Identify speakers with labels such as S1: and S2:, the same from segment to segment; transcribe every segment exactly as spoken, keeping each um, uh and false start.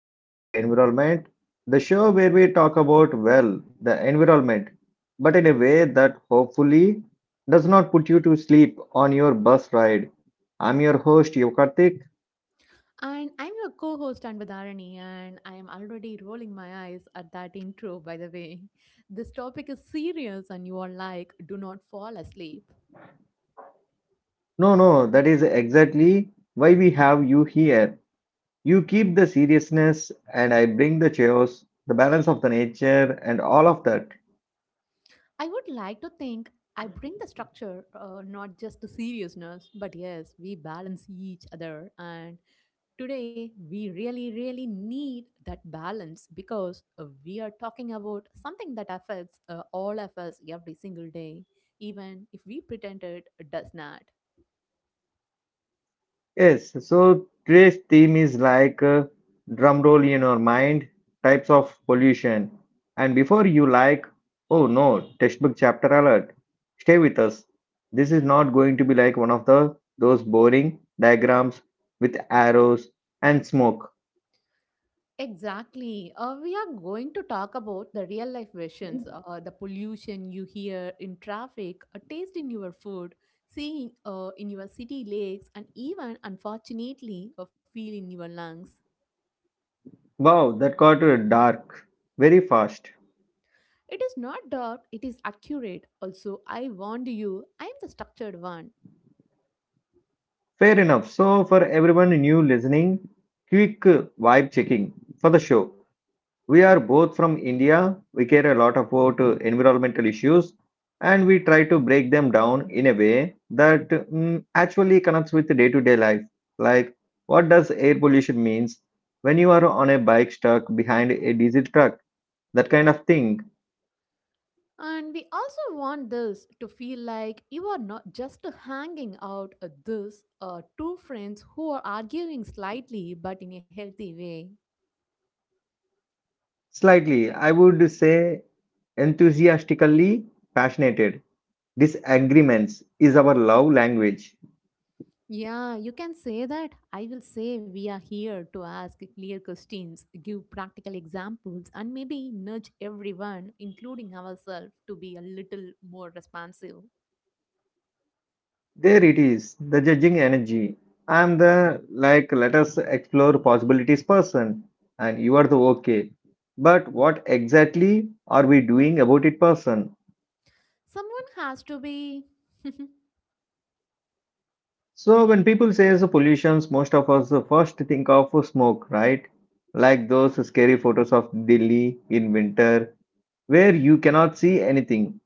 S1: episode of Environment, the show where we talk about, well, the environment, but in a way that hopefully does not put you to sleep on your bus ride. I'm your host, Yokartik.
S2: And I'm your co host Anvadharani, and I am already rolling my eyes at that intro, by the way. This topic is serious, and you are like, do not fall asleep.
S1: No, no, that is exactly why we have you here. You keep the seriousness, and I bring the chaos, the balance of the nature, and all of that.
S2: I would like to think I bring the structure, uh, not just the seriousness, but yes, we balance each other. And today, we really, really need that balance because uh, we are talking about something that affects uh, all of us every single day, even if we pretend it does not.
S1: Yes, so today's theme is like uh, drum roll in your mind, types of pollution. And before you like, oh no, textbook chapter alert, stay with us. This is not going to be like one of the those boring diagrams with arrows and smoke.
S2: Exactly. Uh, we are going to talk about the real life versions, uh, the pollution you hear in traffic, a taste in your food, seeing uh, in your city lakes, and even, unfortunately, a feel in your lungs.
S1: Wow, that got uh, dark very fast.
S2: It is not dark, it is accurate. Also, I warned you, I am the structured one.
S1: Fair enough. So for everyone new listening, quick uh, vibe checking for the show. We are both from India. We care a lot about uh, environmental issues and we try to break them down in a way that mm, actually connects with day to day life. Like, what does air pollution means when you are on a bike stuck behind a diesel truck? That kind of thing.
S2: And we also want this to feel like you are not just hanging out at this uh, two friends who are arguing slightly but in a healthy way.
S1: Slightly, I would say enthusiastically passionate. Disagreements is our love language.
S2: Yeah, you can say that. I will say we are here to ask clear questions, give practical examples, and maybe nudge everyone, including ourselves, to be a little more responsive.
S1: There it is, the judging energy. I'm the like let us explore possibilities person and you are the okay. But what exactly are we doing about it person?
S2: Someone has to be.
S1: So when people say the pollutions, most of us first think of smoke, right? Like those scary photos of Delhi in winter where you cannot see anything.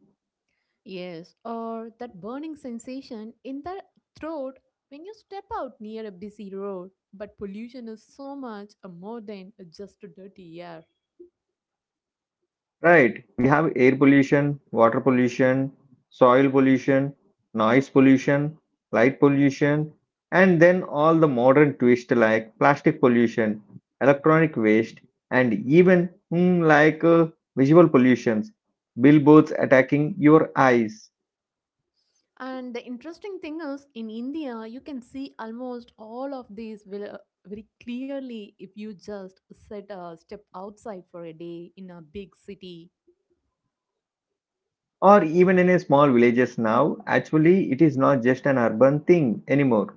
S2: Yes, or that burning sensation in the throat when you step out near a busy road. But pollution is so much uh, more than uh, just a dirty air.
S1: Right. We have air pollution, water pollution, soil pollution, noise pollution, light pollution, and then all the modern twist like plastic pollution, electronic waste, and even mm, like uh, visual pollutions, billboards attacking your eyes.
S2: And the interesting thing is, in India, you can see almost all of these vil- very clearly if you just set a step outside for a day in a big city.
S1: Or even in a small villages now, actually, it is not just an urban thing anymore.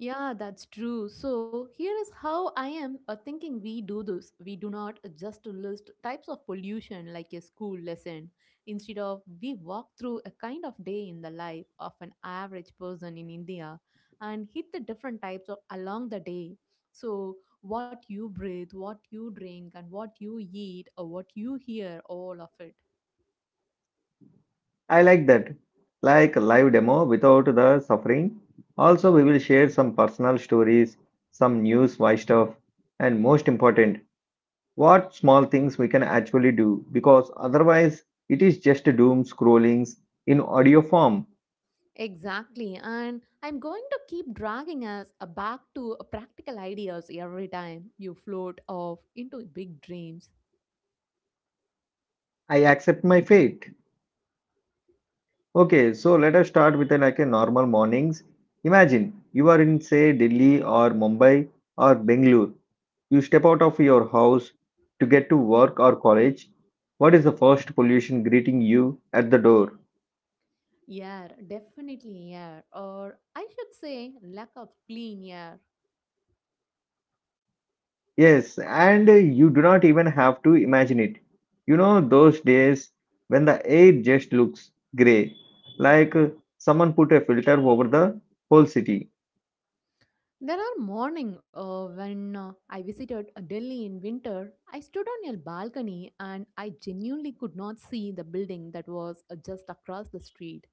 S2: Yeah, that's true. So, here is how I am uh, thinking we do this. We do not just list types of pollution like a school lesson. Instead of, we walk through a kind of day in the life of an average person in India and hit the different types of along the day. So, what you breathe, what you drink, and what you eat, or what you hear, all of it.
S1: I like that. Like live demo without the suffering. Also, we will share some personal stories, some news, why stuff, and most important, what small things we can actually do because otherwise it is just doom scrollings in audio form.
S2: Exactly. And I'm going to keep dragging us uh, back to uh, practical ideas every time you float off into big dreams.
S1: I accept my fate. Okay, so let us start with a, like a normal mornings. Imagine you are in say Delhi or Mumbai or Bengaluru. You step out of your house to get to work or college. What is the first pollution greeting you at the door?
S2: Yeah, definitely air, or I should say, lack of clean air.
S1: Yes, and you do not even have to imagine it. You know those days when the air just looks grey, like uh, someone put a filter over the whole city.
S2: There are morning uh, when uh, I visited uh, Delhi in winter, I stood on a balcony and I genuinely could not see the building that was uh, just across the street.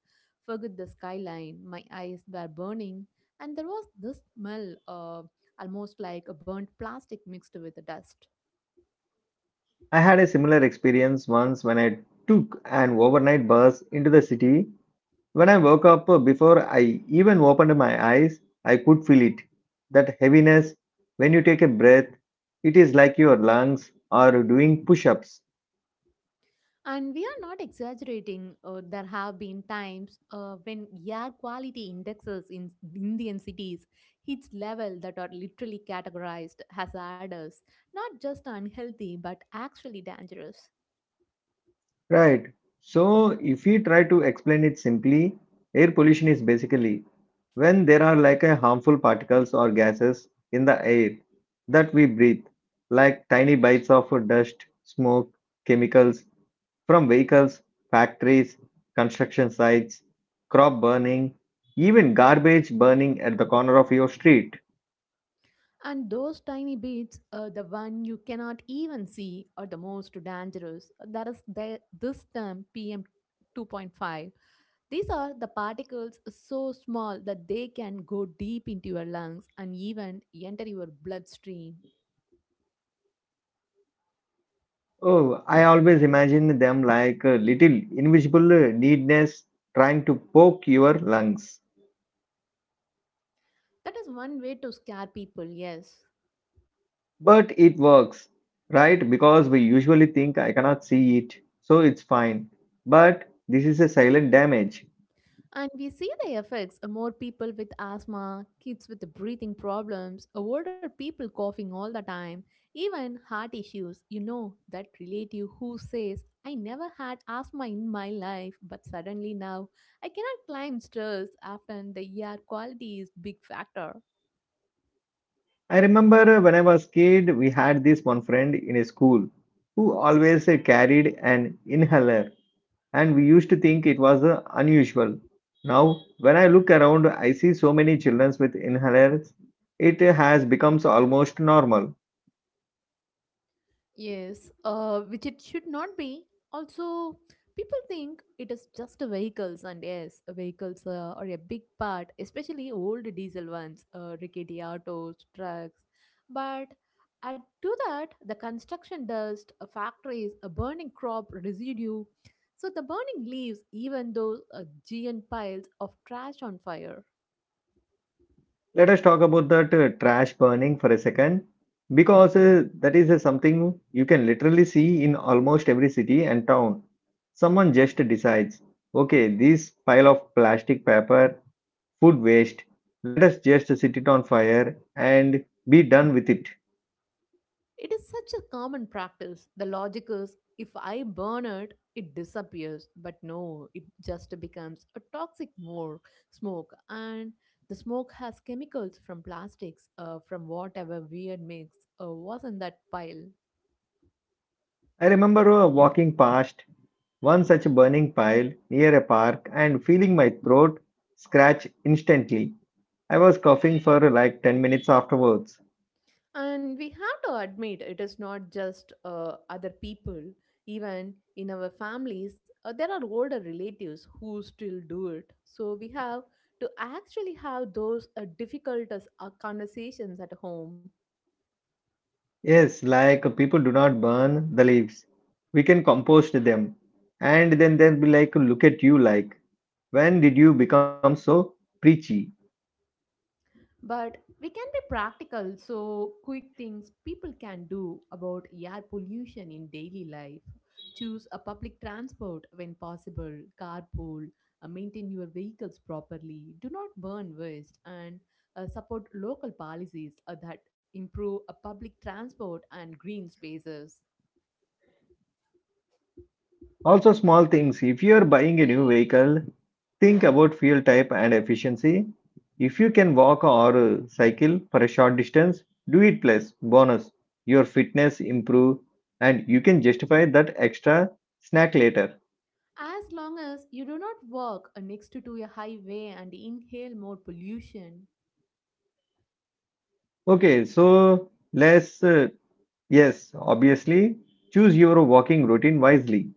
S2: Forget the skyline, my eyes were burning, and there was this smell, uh, almost like a burnt plastic mixed with the dust.
S1: I had a similar experience once when I took an overnight bus into the city. When I woke up, uh, before I even opened my eyes, I could feel it. That heaviness, when you take a breath, it is like your lungs are doing push ups.
S2: And we are not exaggerating. Uh, there have been times uh, when air quality indexes in Indian cities hits levels that are literally categorized hazardous, not just unhealthy but actually dangerous.
S1: Right. So, if we try to explain it simply, air pollution is basically when there are like a harmful particles or gases in the air that we breathe, like tiny bites of dust, smoke, chemicals, from vehicles, factories, construction sites, crop burning, even garbage burning at the corner of your street.
S2: And those tiny bits, uh, the one you cannot even see, are the most dangerous. That is the, this term P M two point five. These are the particles so small that they can go deep into your lungs and even enter your bloodstream.
S1: Oh, I always imagine them like a little invisible uh, needles trying to poke your lungs.
S2: That is one way to scare people, yes.
S1: But it works, right? Because we usually think I cannot see it, so it's fine. But this is a silent damage.
S2: And we see the effects, uh, more people with asthma, kids with breathing problems, uh, older people coughing all the time, even heart issues. You know, that relative who says, I never had asthma in my life, but suddenly now I cannot climb stairs. Often the air quality is big factor.
S1: I remember uh, when I was kid, we had this one friend in a school who always uh, carried an inhaler and we used to think it was uh, unusual. Now, when I look around, I see so many children with inhalers. It uh, has become almost normal.
S2: Yes, uh, which it should not be. Also, people think it is just a vehicles, and yes, vehicles uh, are a big part, especially old diesel ones, uh, rickety autos, trucks. But add to that, the construction dust, uh, factories, a burning crop residue, so the burning leaves even those uh, giant piles of trash on fire.
S1: Let us talk about that uh, trash burning for a second, because uh, that is uh, something you can literally see in almost every city and town. Someone just decides, okay, this pile of plastic paper, food waste, let us just set it on fire and be done with it.
S2: It is such a common practice. The logic is if I burn it, it disappears. But no, it just becomes a toxic more smoke. And the smoke has chemicals from plastics, uh, from whatever weird mix uh, was in that pile.
S1: I remember uh, walking past one such burning pile near a park and feeling my throat scratch instantly. I was coughing for like ten minutes afterwards.
S2: And we have to admit, it is not just uh, other people. Even in our families, uh, there are older relatives who still do it. So we have to actually have those uh, difficult uh, conversations at home.
S1: Yes, like people do not burn the leaves. We can compost them. And then they'll be like, look at you, like, when did you become so preachy?
S2: But we can be practical, so quick things people can do about air pollution in daily life. Choose a public transport when possible, carpool, uh, maintain your vehicles properly, do not burn waste, and uh, support local policies uh, that improve uh, public transport and green spaces.
S1: Also, small things. If you are buying a new vehicle, think about fuel type and efficiency. If you can walk or uh, cycle for a short distance, do it plus bonus. Your fitness improve and you can justify that extra snack later.
S2: As long as you do not walk uh, next to to a highway and inhale more pollution.
S1: Okay, so let's uh, yes, obviously choose your walking routine wisely.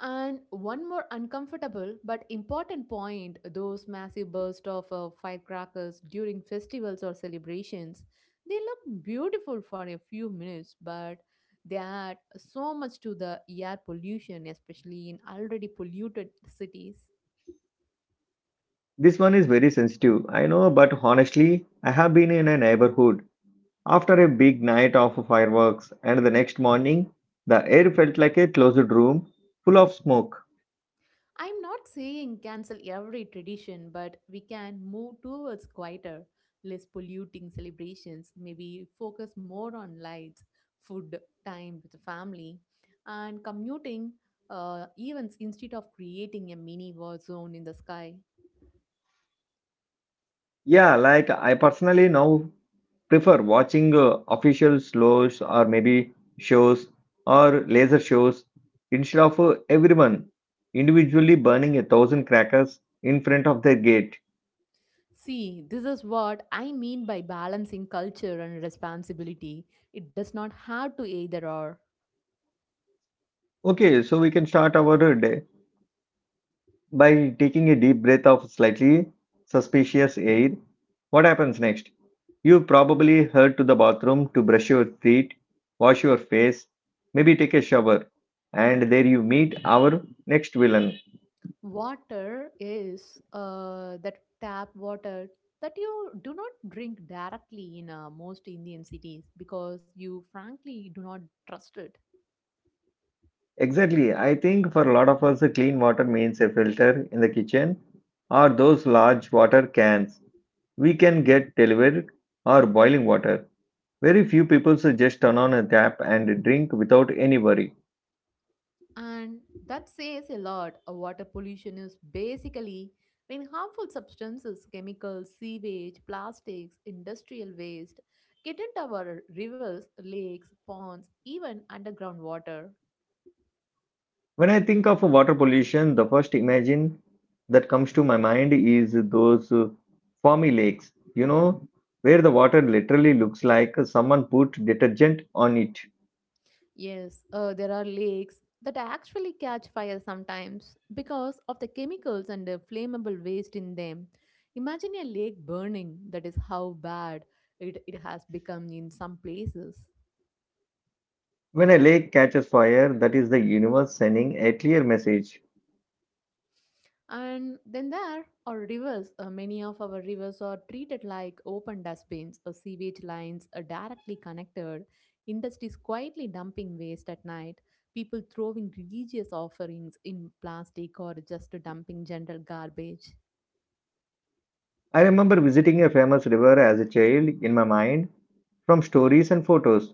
S2: And one more uncomfortable but important point, those massive bursts of uh, firecrackers during festivals or celebrations, they look beautiful for a few minutes, but they add so much to the air pollution, especially in already polluted cities.
S1: This one is very sensitive. I know, but honestly, I have been in a neighborhood after a big night of fireworks and the next morning, the air felt like a closed room full of smoke.
S2: I'm not saying cancel every tradition, but we can move towards quieter, less polluting celebrations, maybe focus more on lights, food, time with the family, and commuting uh, events instead of creating a mini war zone in the sky.
S1: Yeah, like I personally now prefer watching uh, official shows or maybe shows or laser shows instead of uh, everyone individually burning a thousand crackers in front of their gate.
S2: See, this is what I mean by balancing culture and responsibility. It does not have to either or.
S1: Okay, so we can start our uh, day. By taking a deep breath of slightly suspicious air, what happens next? You probably head to the bathroom to brush your teeth, wash your face, maybe take a shower, and there you meet our next villain.
S2: Water is uh, that tap water that you do not drink directly in uh, most Indian cities because you frankly do not trust it.
S1: Exactly. I think for a lot of us, clean water means a filter in the kitchen or those large water cans we can get delivered or boiling water. Very few people just turn on a tap and drink without any worry.
S2: And that says a lot. Uh, Water pollution is basically when harmful substances, chemicals, sewage, plastics, industrial waste get into our rivers, lakes, ponds, even underground water.
S1: When I think of water pollution, the first imagine that comes to my mind is those uh, foamy lakes, you know, where the water literally looks like someone put detergent on it.
S2: Yes, uh, there are lakes that actually catch fire sometimes because of the chemicals and the flammable waste in them. Imagine a lake burning, that is how bad it, it has become in some places.
S1: When a lake catches fire, that is the universe sending a clear message.
S2: And then there are rivers. Uh, many of our rivers are treated like open dustbins or sewage lines are directly connected. Industries quietly dumping waste at night. People throwing religious offerings in plastic or just dumping general garbage.
S1: I remember visiting a famous river as a child in my mind, from stories and photos,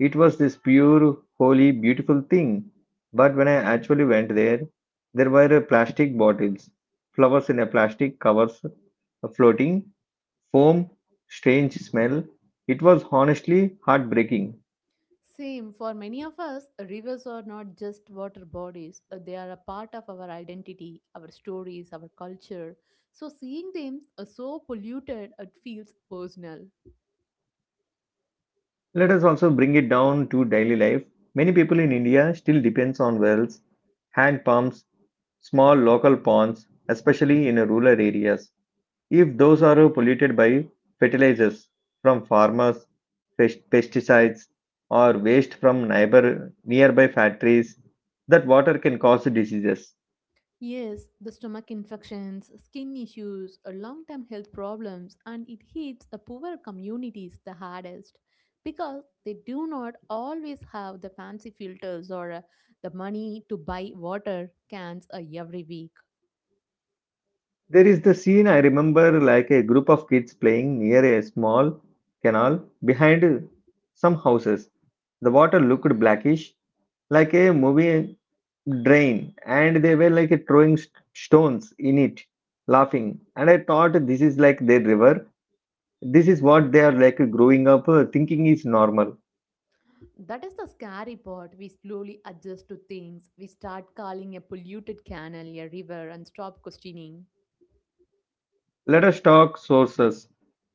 S1: it was this pure, holy, beautiful thing. But when I actually went there, there were plastic bottles, flowers in a plastic covers, a floating foam, strange smell. It was honestly heartbreaking.
S2: Same for many of us, rivers are not just water bodies, uh, they are a part of our identity, our stories, our culture. So seeing them uh, so polluted, it feels personal.
S1: Let us also bring it down to daily life. Many people in India still depends on wells, hand pumps, small local ponds, especially in rural areas. If those are polluted by fertilizers from farmers, pest- pesticides, or waste from neighbor nearby factories, that water can cause diseases.
S2: Yes, the stomach infections, skin issues, uh, long term health problems, and it hits the poorer communities the hardest because they do not always have the fancy filters or uh, the money to buy water cans uh, every week.
S1: There is the scene I remember like a group of kids playing near a small canal behind some houses. The water looked blackish, like a movie drain, and they were like throwing st- stones in it, laughing. And I thought this is like their river. This is what they are like growing up uh, thinking is normal.
S2: That is the scary part. We slowly adjust to things. We start calling a polluted canal a river and stop questioning.
S1: Let us talk sources.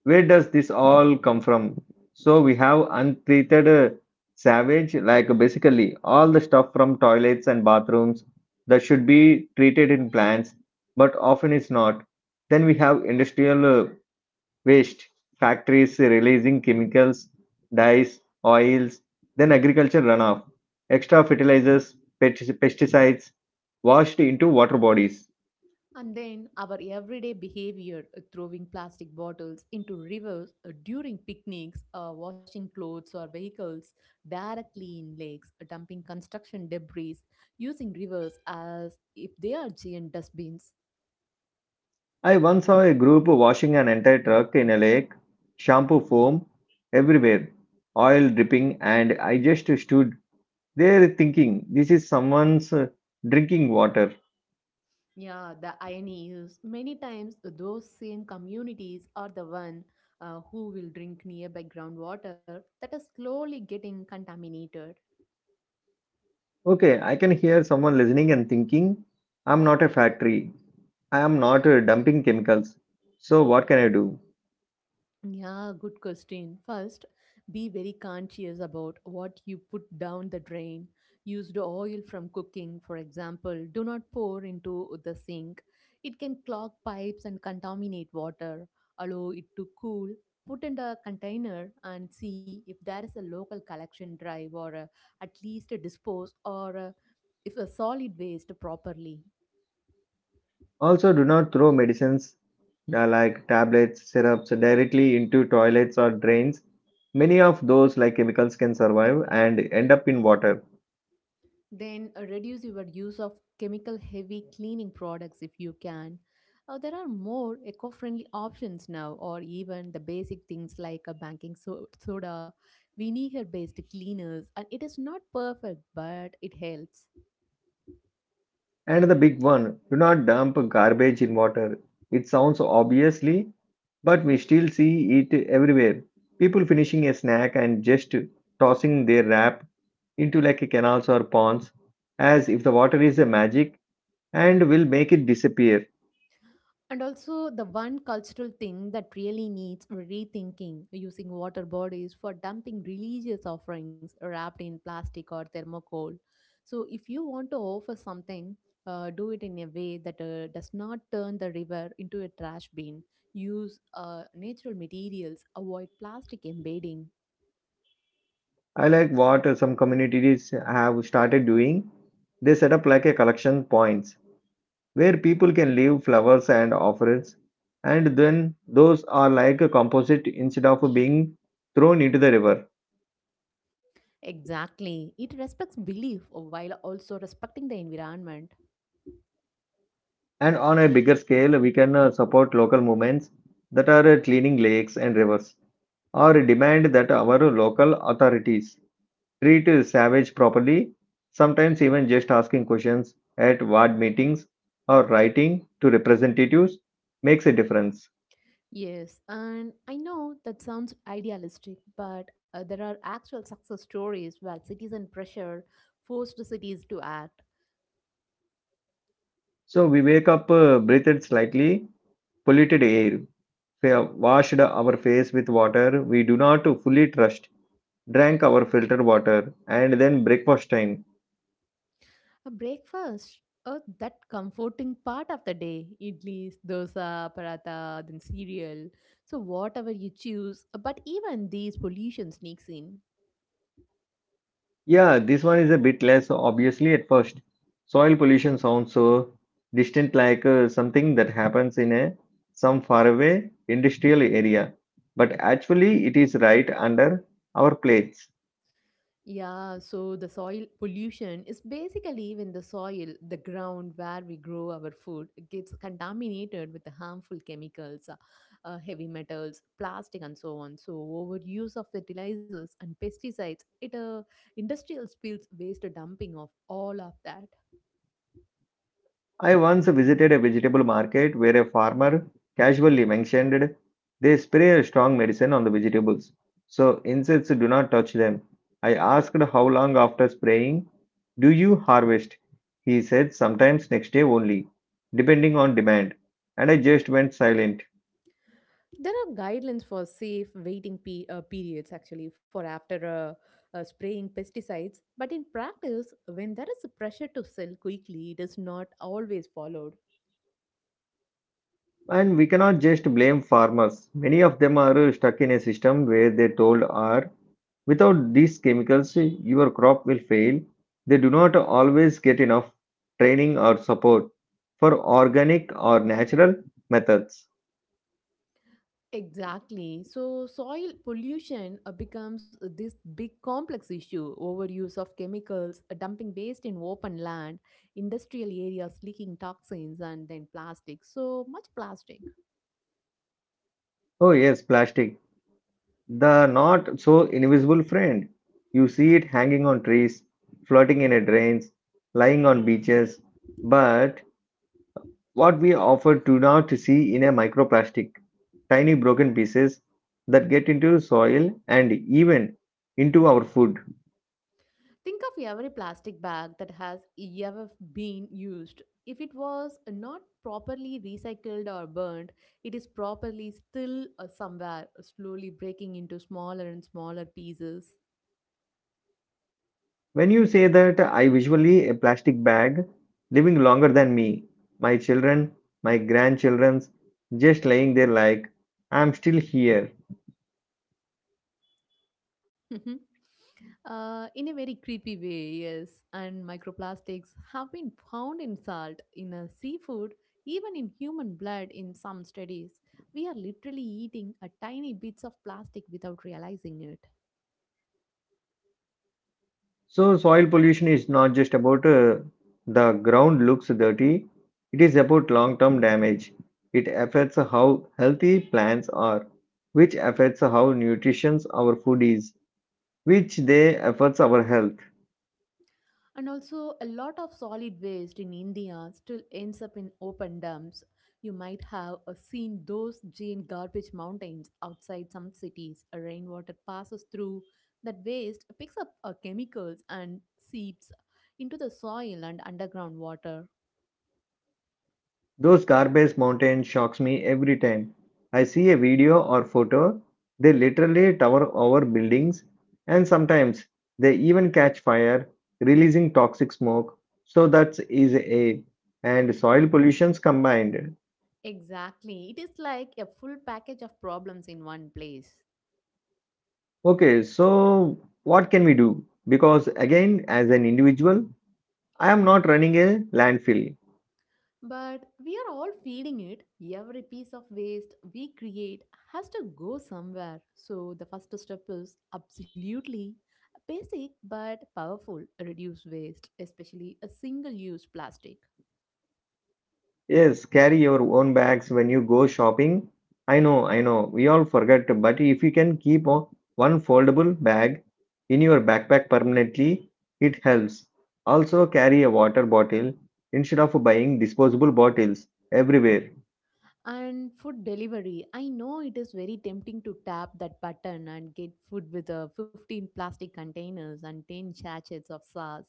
S1: Where does this all come from? So we have untreated uh, savage, like basically all the stuff from toilets and bathrooms that should be treated in plants, but often it's not. Then we have industrial uh, waste, factories releasing chemicals, dyes, oils, then agriculture runoff, extra fertilizers, pesti- pesticides washed into water bodies.
S2: And then our everyday behavior, uh, throwing plastic bottles into rivers uh, during picnics, uh, washing clothes or vehicles directly in lakes, uh, dumping construction debris, using rivers as if they are giant dustbins.
S1: I once saw a group washing an entire truck in a lake, shampoo foam everywhere, oil dripping, and I just stood there thinking, this is someone's uh, drinking water.
S2: Yeah, the irony is many times those same communities are the one uh, who will drink nearby groundwater that is slowly getting contaminated.
S1: Okay, I can hear someone listening and thinking, I'm not a factory. I am not uh, dumping chemicals. So what can I do?
S2: Yeah, good question. First, be very conscious about what you put down the drain. Used oil from cooking, for example, do not pour into the sink. It can clog pipes and contaminate water. Allow it to cool. Put in a container and see if there is a local collection drive or uh, at least dispose or uh, if a solid waste properly.
S1: Also, do not throw medicines uh, like tablets, syrups directly into toilets or drains. Many of those like chemicals can survive and end up in water.
S2: Then uh, reduce your use of chemical heavy cleaning products if you can. Uh, there are more eco friendly options now, or even the basic things like a banking so- soda, vinegar based cleaners, and it is not perfect, but it helps.
S1: And the big one, do not dump garbage in water. It sounds obviously, but we still see it everywhere. People finishing a snack and just tossing their wrap into like canals or ponds as if the water is a magic and will make it disappear.
S2: And also, the one cultural thing that really needs rethinking, using water bodies for dumping religious offerings wrapped in plastic or thermocol. So, if you want to offer something, uh, do it in a way that uh, does not turn the river into a trash bin. Use uh, natural materials, avoid plastic embedding.
S1: I like what uh, some communities have started doing. They set up like a collection points where people can leave flowers and offerings, and then those are like a composite instead of being thrown into the river.
S2: Exactly. It respects belief while also respecting the environment.
S1: And on a bigger scale, we can uh, support local movements that are uh, cleaning lakes and rivers, or demand that our local authorities treat savage properly, sometimes even just asking questions at ward meetings or writing to representatives makes a difference.
S2: Yes, and I know that sounds idealistic, but uh, there are actual success stories where citizen pressure forced cities to act.
S1: So we wake up, uh, breathed slightly, polluted air, fa- washed our face with water we do not fully trust, drank our filtered water, and then breakfast time.
S2: A breakfast? Oh, that comforting part of the day. Idlis, dosa, paratha, then cereal. So whatever you choose. But even these pollution sneaks in.
S1: Yeah, this one is a bit less obviously at first. Soil pollution sounds so distant, like uh, something that happens in a some faraway industrial area, but actually it is right under our plates.
S2: Yeah, so the soil pollution is basically when the soil, the ground where we grow our food, gets contaminated with the harmful chemicals, uh, uh, heavy metals, plastic, and so on. So, overuse of fertilizers and pesticides, it uh, industrial spills waste dumping of all of that.
S1: I once visited a vegetable market where a farmer casually mentioned they spray a strong medicine on the vegetables, so insects do not touch them. I asked how long after spraying do you harvest? He said sometimes next day only, depending on demand, and I just went silent.
S2: There are guidelines for safe waiting pe- uh, periods actually for after uh, uh, spraying pesticides, but in practice, when there is a pressure to sell quickly, it is not always followed.
S1: And we cannot just blame farmers. Many of them are stuck in a system where they told are without these chemicals your crop will fail. They do not always get enough training or support for organic or natural methods.
S2: Exactly. So soil pollution uh, becomes uh, this big complex issue. Overuse of chemicals, uh, dumping waste in open land, industrial areas leaking toxins, and then plastic. So much plastic.
S1: Oh yes, plastic. The not so invisible friend. You see it hanging on trees, floating in a drains, lying on beaches, but what we offer do not see in a microplastic tiny broken pieces that get into soil and even into our food.
S2: Think of every plastic bag that has ever been used. If it was not properly recycled or burned, it is properly still uh, somewhere, slowly breaking into smaller and smaller pieces.
S1: When you say that, I visually a plastic bag living longer than me, my children, my grandchildren's, just lying there like I'm still here.
S2: Mhm. Uh, in a very creepy way, yes. And microplastics have been found in salt, in uh, seafood, even in human blood in some studies. We are literally eating a tiny bits of plastic without realizing it.
S1: So, soil pollution is not just about uh, the ground looks dirty, it is about long term damage. It affects how healthy plants are, which affects how nutritious our food is, which they affects our health.
S2: And also, a lot of solid waste in India still ends up in open dumps. You might have uh, seen those giant garbage mountains outside some cities. A rainwater passes through that waste, picks up uh, chemicals, and seeps into the soil and underground water.
S1: Those garbage mountains shocks me every time. I see a video or photo, they literally tower over buildings and sometimes they even catch fire, releasing toxic smoke. So that is a and soil pollutions combined.
S2: Exactly. It is like a full package of problems in one place.
S1: Okay, so what can we do? Because again, as an individual, I am not running a landfill.
S2: But we are all feeding it. Every piece of waste we create has to go somewhere. So the first step is absolutely basic but powerful reduce waste, especially a single use plastic.
S1: Yes, carry your own bags when you go shopping. I know, I know, we all forget, but if you can keep o- one foldable bag in your backpack permanently, it helps. Also, carry a water bottle instead of buying disposable bottles everywhere.
S2: And food delivery. I know it is very tempting to tap that button and get food with uh, fifteen plastic containers and ten sachets of sauce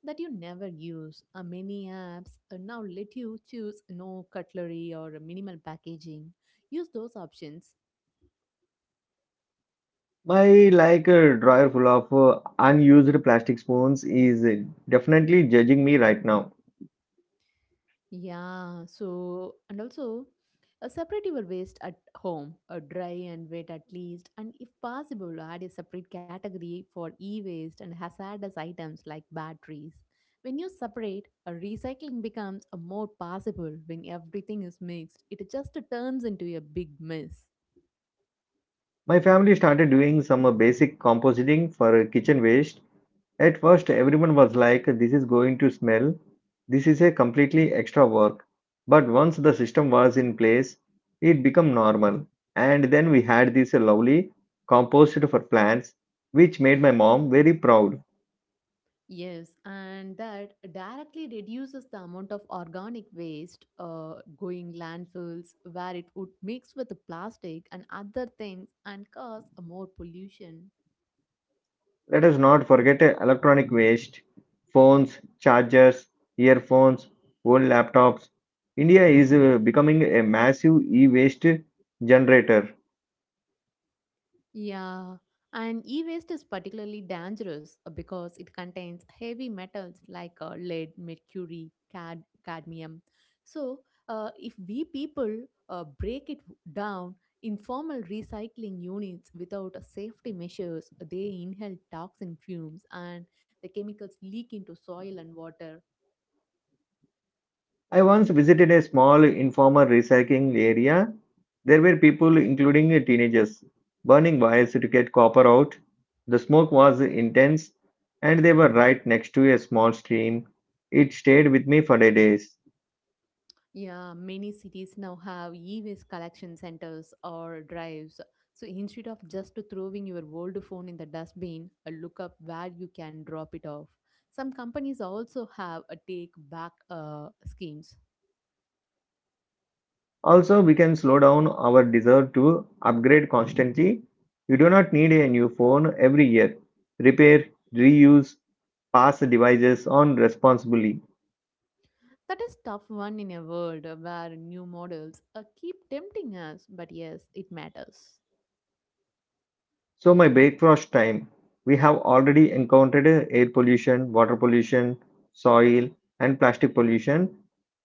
S2: that you never use. Uh, many apps uh, now let you choose no cutlery or minimal packaging. Use those options.
S1: My like a drawer full of uh, unused plastic spoons is uh, definitely judging me right now.
S2: Yeah, so and also uh, separate your waste at home, uh, dry and wet at least, and if possible, add a separate category for e-waste and hazardous items like batteries. When you separate, uh, recycling becomes a more possible when everything is mixed. It just turns into a big mess.
S1: My family started doing some uh, basic composting for uh, kitchen waste. At first, everyone was like, this is going to smell, this is a completely extra work. But once the system was in place, it became normal. And then we had this lovely compost for plants, which made my mom very proud.
S2: Yes, and that directly reduces the amount of organic waste uh, going landfills where it would mix with the plastic and other things and cause more pollution.
S1: Let us not forget uh, electronic waste, phones, chargers, earphones, old laptops. India is uh, becoming a massive e waste generator.
S2: Yeah, and e-waste is particularly dangerous uh, because it contains heavy metals like uh, lead, mercury, cad- cadmium. So, uh, if we people uh, break it down, informal recycling units without uh, safety measures, they inhale toxin fumes and the chemicals leak into soil and water.
S1: I once visited a small informal recycling area. There were people, including teenagers, burning wires to get copper out. The smoke was intense, and they were right next to a small stream. It stayed with me for days.
S2: Yeah, many cities now have e-waste collection centers or drives. So instead of just throwing your old phone in the dustbin, uh, look up where you can drop it off. Some companies also have a take back uh, schemes.
S1: Also, we can slow down our desire to upgrade constantly. You do not need a new phone every year. Repair, reuse, pass devices on responsibly.
S2: That is tough one in a world where new models uh, keep tempting us, but yes, it matters.
S1: So my backwash time, we have already encountered uh, air pollution, water pollution, soil and plastic pollution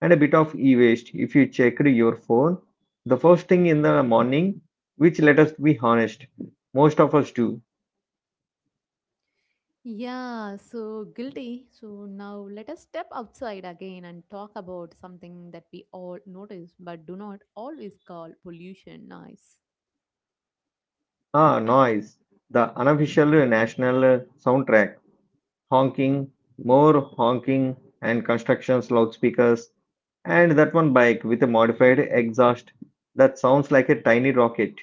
S1: and a bit of e-waste. If you checked your phone, the first thing in the morning, which let us be honest, most of us do.
S2: Yeah, so guilty. So now let us step outside again and talk about something that we all notice but do not always call pollution noise.
S1: Ah, noise. The unofficial uh, national uh, soundtrack. Honking, more honking and constructions loudspeakers and that one bike with a modified exhaust that sounds like a tiny rocket.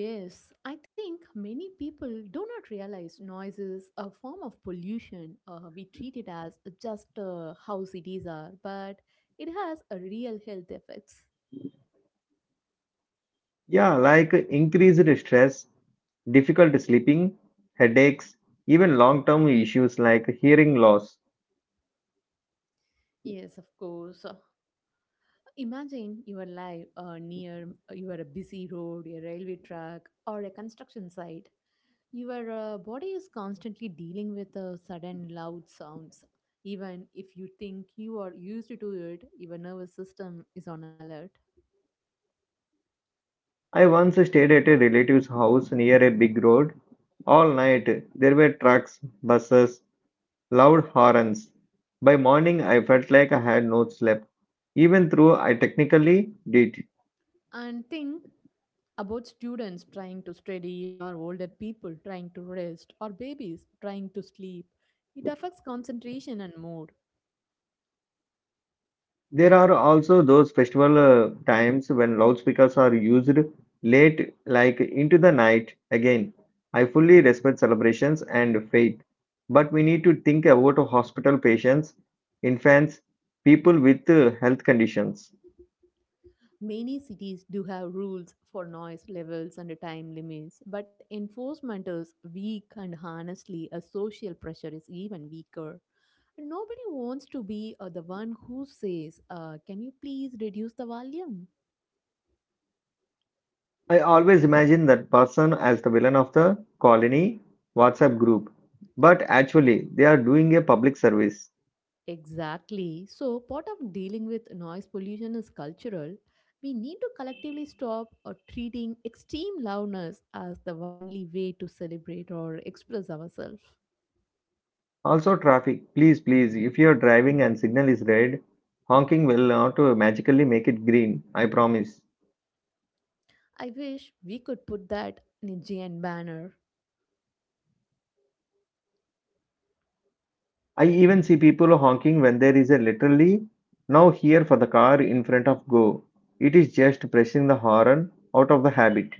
S2: Yes, I think many people do not realize noise is a form of pollution. Uh, we treat it as just uh, how cities are, but it has a real health effects.
S1: Yeah, like increased stress, difficult sleeping, headaches, even long term issues like hearing loss.
S2: Yes, of course. Uh, Imagine your life uh, near uh, you are a busy road, a railway track, or a construction site. Your uh, body is constantly dealing with uh, sudden loud sounds. Even if you think you are used to it, your nervous system is on alert.
S1: I once stayed at a relative's house near a big road. All night there were trucks, buses, loud horns. By morning I felt like I had not slept, even though I technically did.
S2: And think about students trying to study, or older people trying to rest, or babies trying to sleep. It affects concentration and mood.
S1: There are also those festival uh, times when loudspeakers are used late, like into the night. Again, I fully respect celebrations and faith, but we need to think about hospital patients, infants, people with uh, health conditions.
S2: Many cities do have rules for noise levels and time limits, but enforcement is weak and honestly, a social pressure is even weaker. Nobody wants to be uh, the one who says, uh, can you please reduce the volume?
S1: I always imagine that person as the villain of the colony WhatsApp group, but actually, they are doing a public service.
S2: Exactly. So, part of dealing with noise pollution is cultural. We need to collectively stop uh, treating extreme loudness as the only way to celebrate or express ourselves.
S1: Also, traffic, please, please, if you're driving and signal is red, honking will not uh, magically make it green, I promise.
S2: I wish we could put that Nijian banner.
S1: I even see people honking when there is a literally now here for the car in front of go. It is just pressing the horn out of the habit.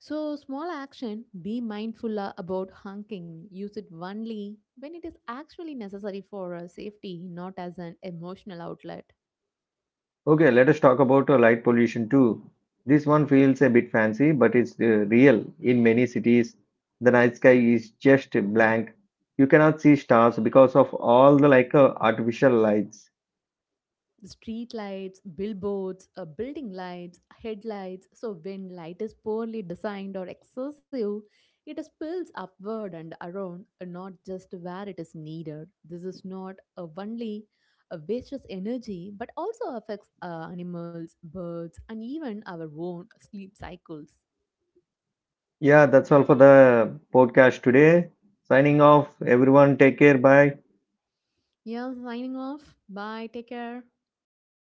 S2: So, small action, be mindful uh, about honking. Use it only when it is actually necessary for uh, safety, not as an emotional outlet.
S1: Okay, let us talk about uh, light pollution too. This one feels a bit fancy, but it's uh, real. In many cities, the night sky is just blank. You cannot see stars because of all the like uh, artificial lights.
S2: The street lights, billboards, uh, building lights, headlights. So when light is poorly designed or excessive, it spills upward and around, uh, not just where it is needed. This is not uh, only a wastes energy, but also affects uh, animals, birds, and even our own sleep cycles.
S1: Yeah, that's all for the podcast today. Signing off. Everyone, take care. Bye.
S2: Yeah, signing off. Bye. Take care.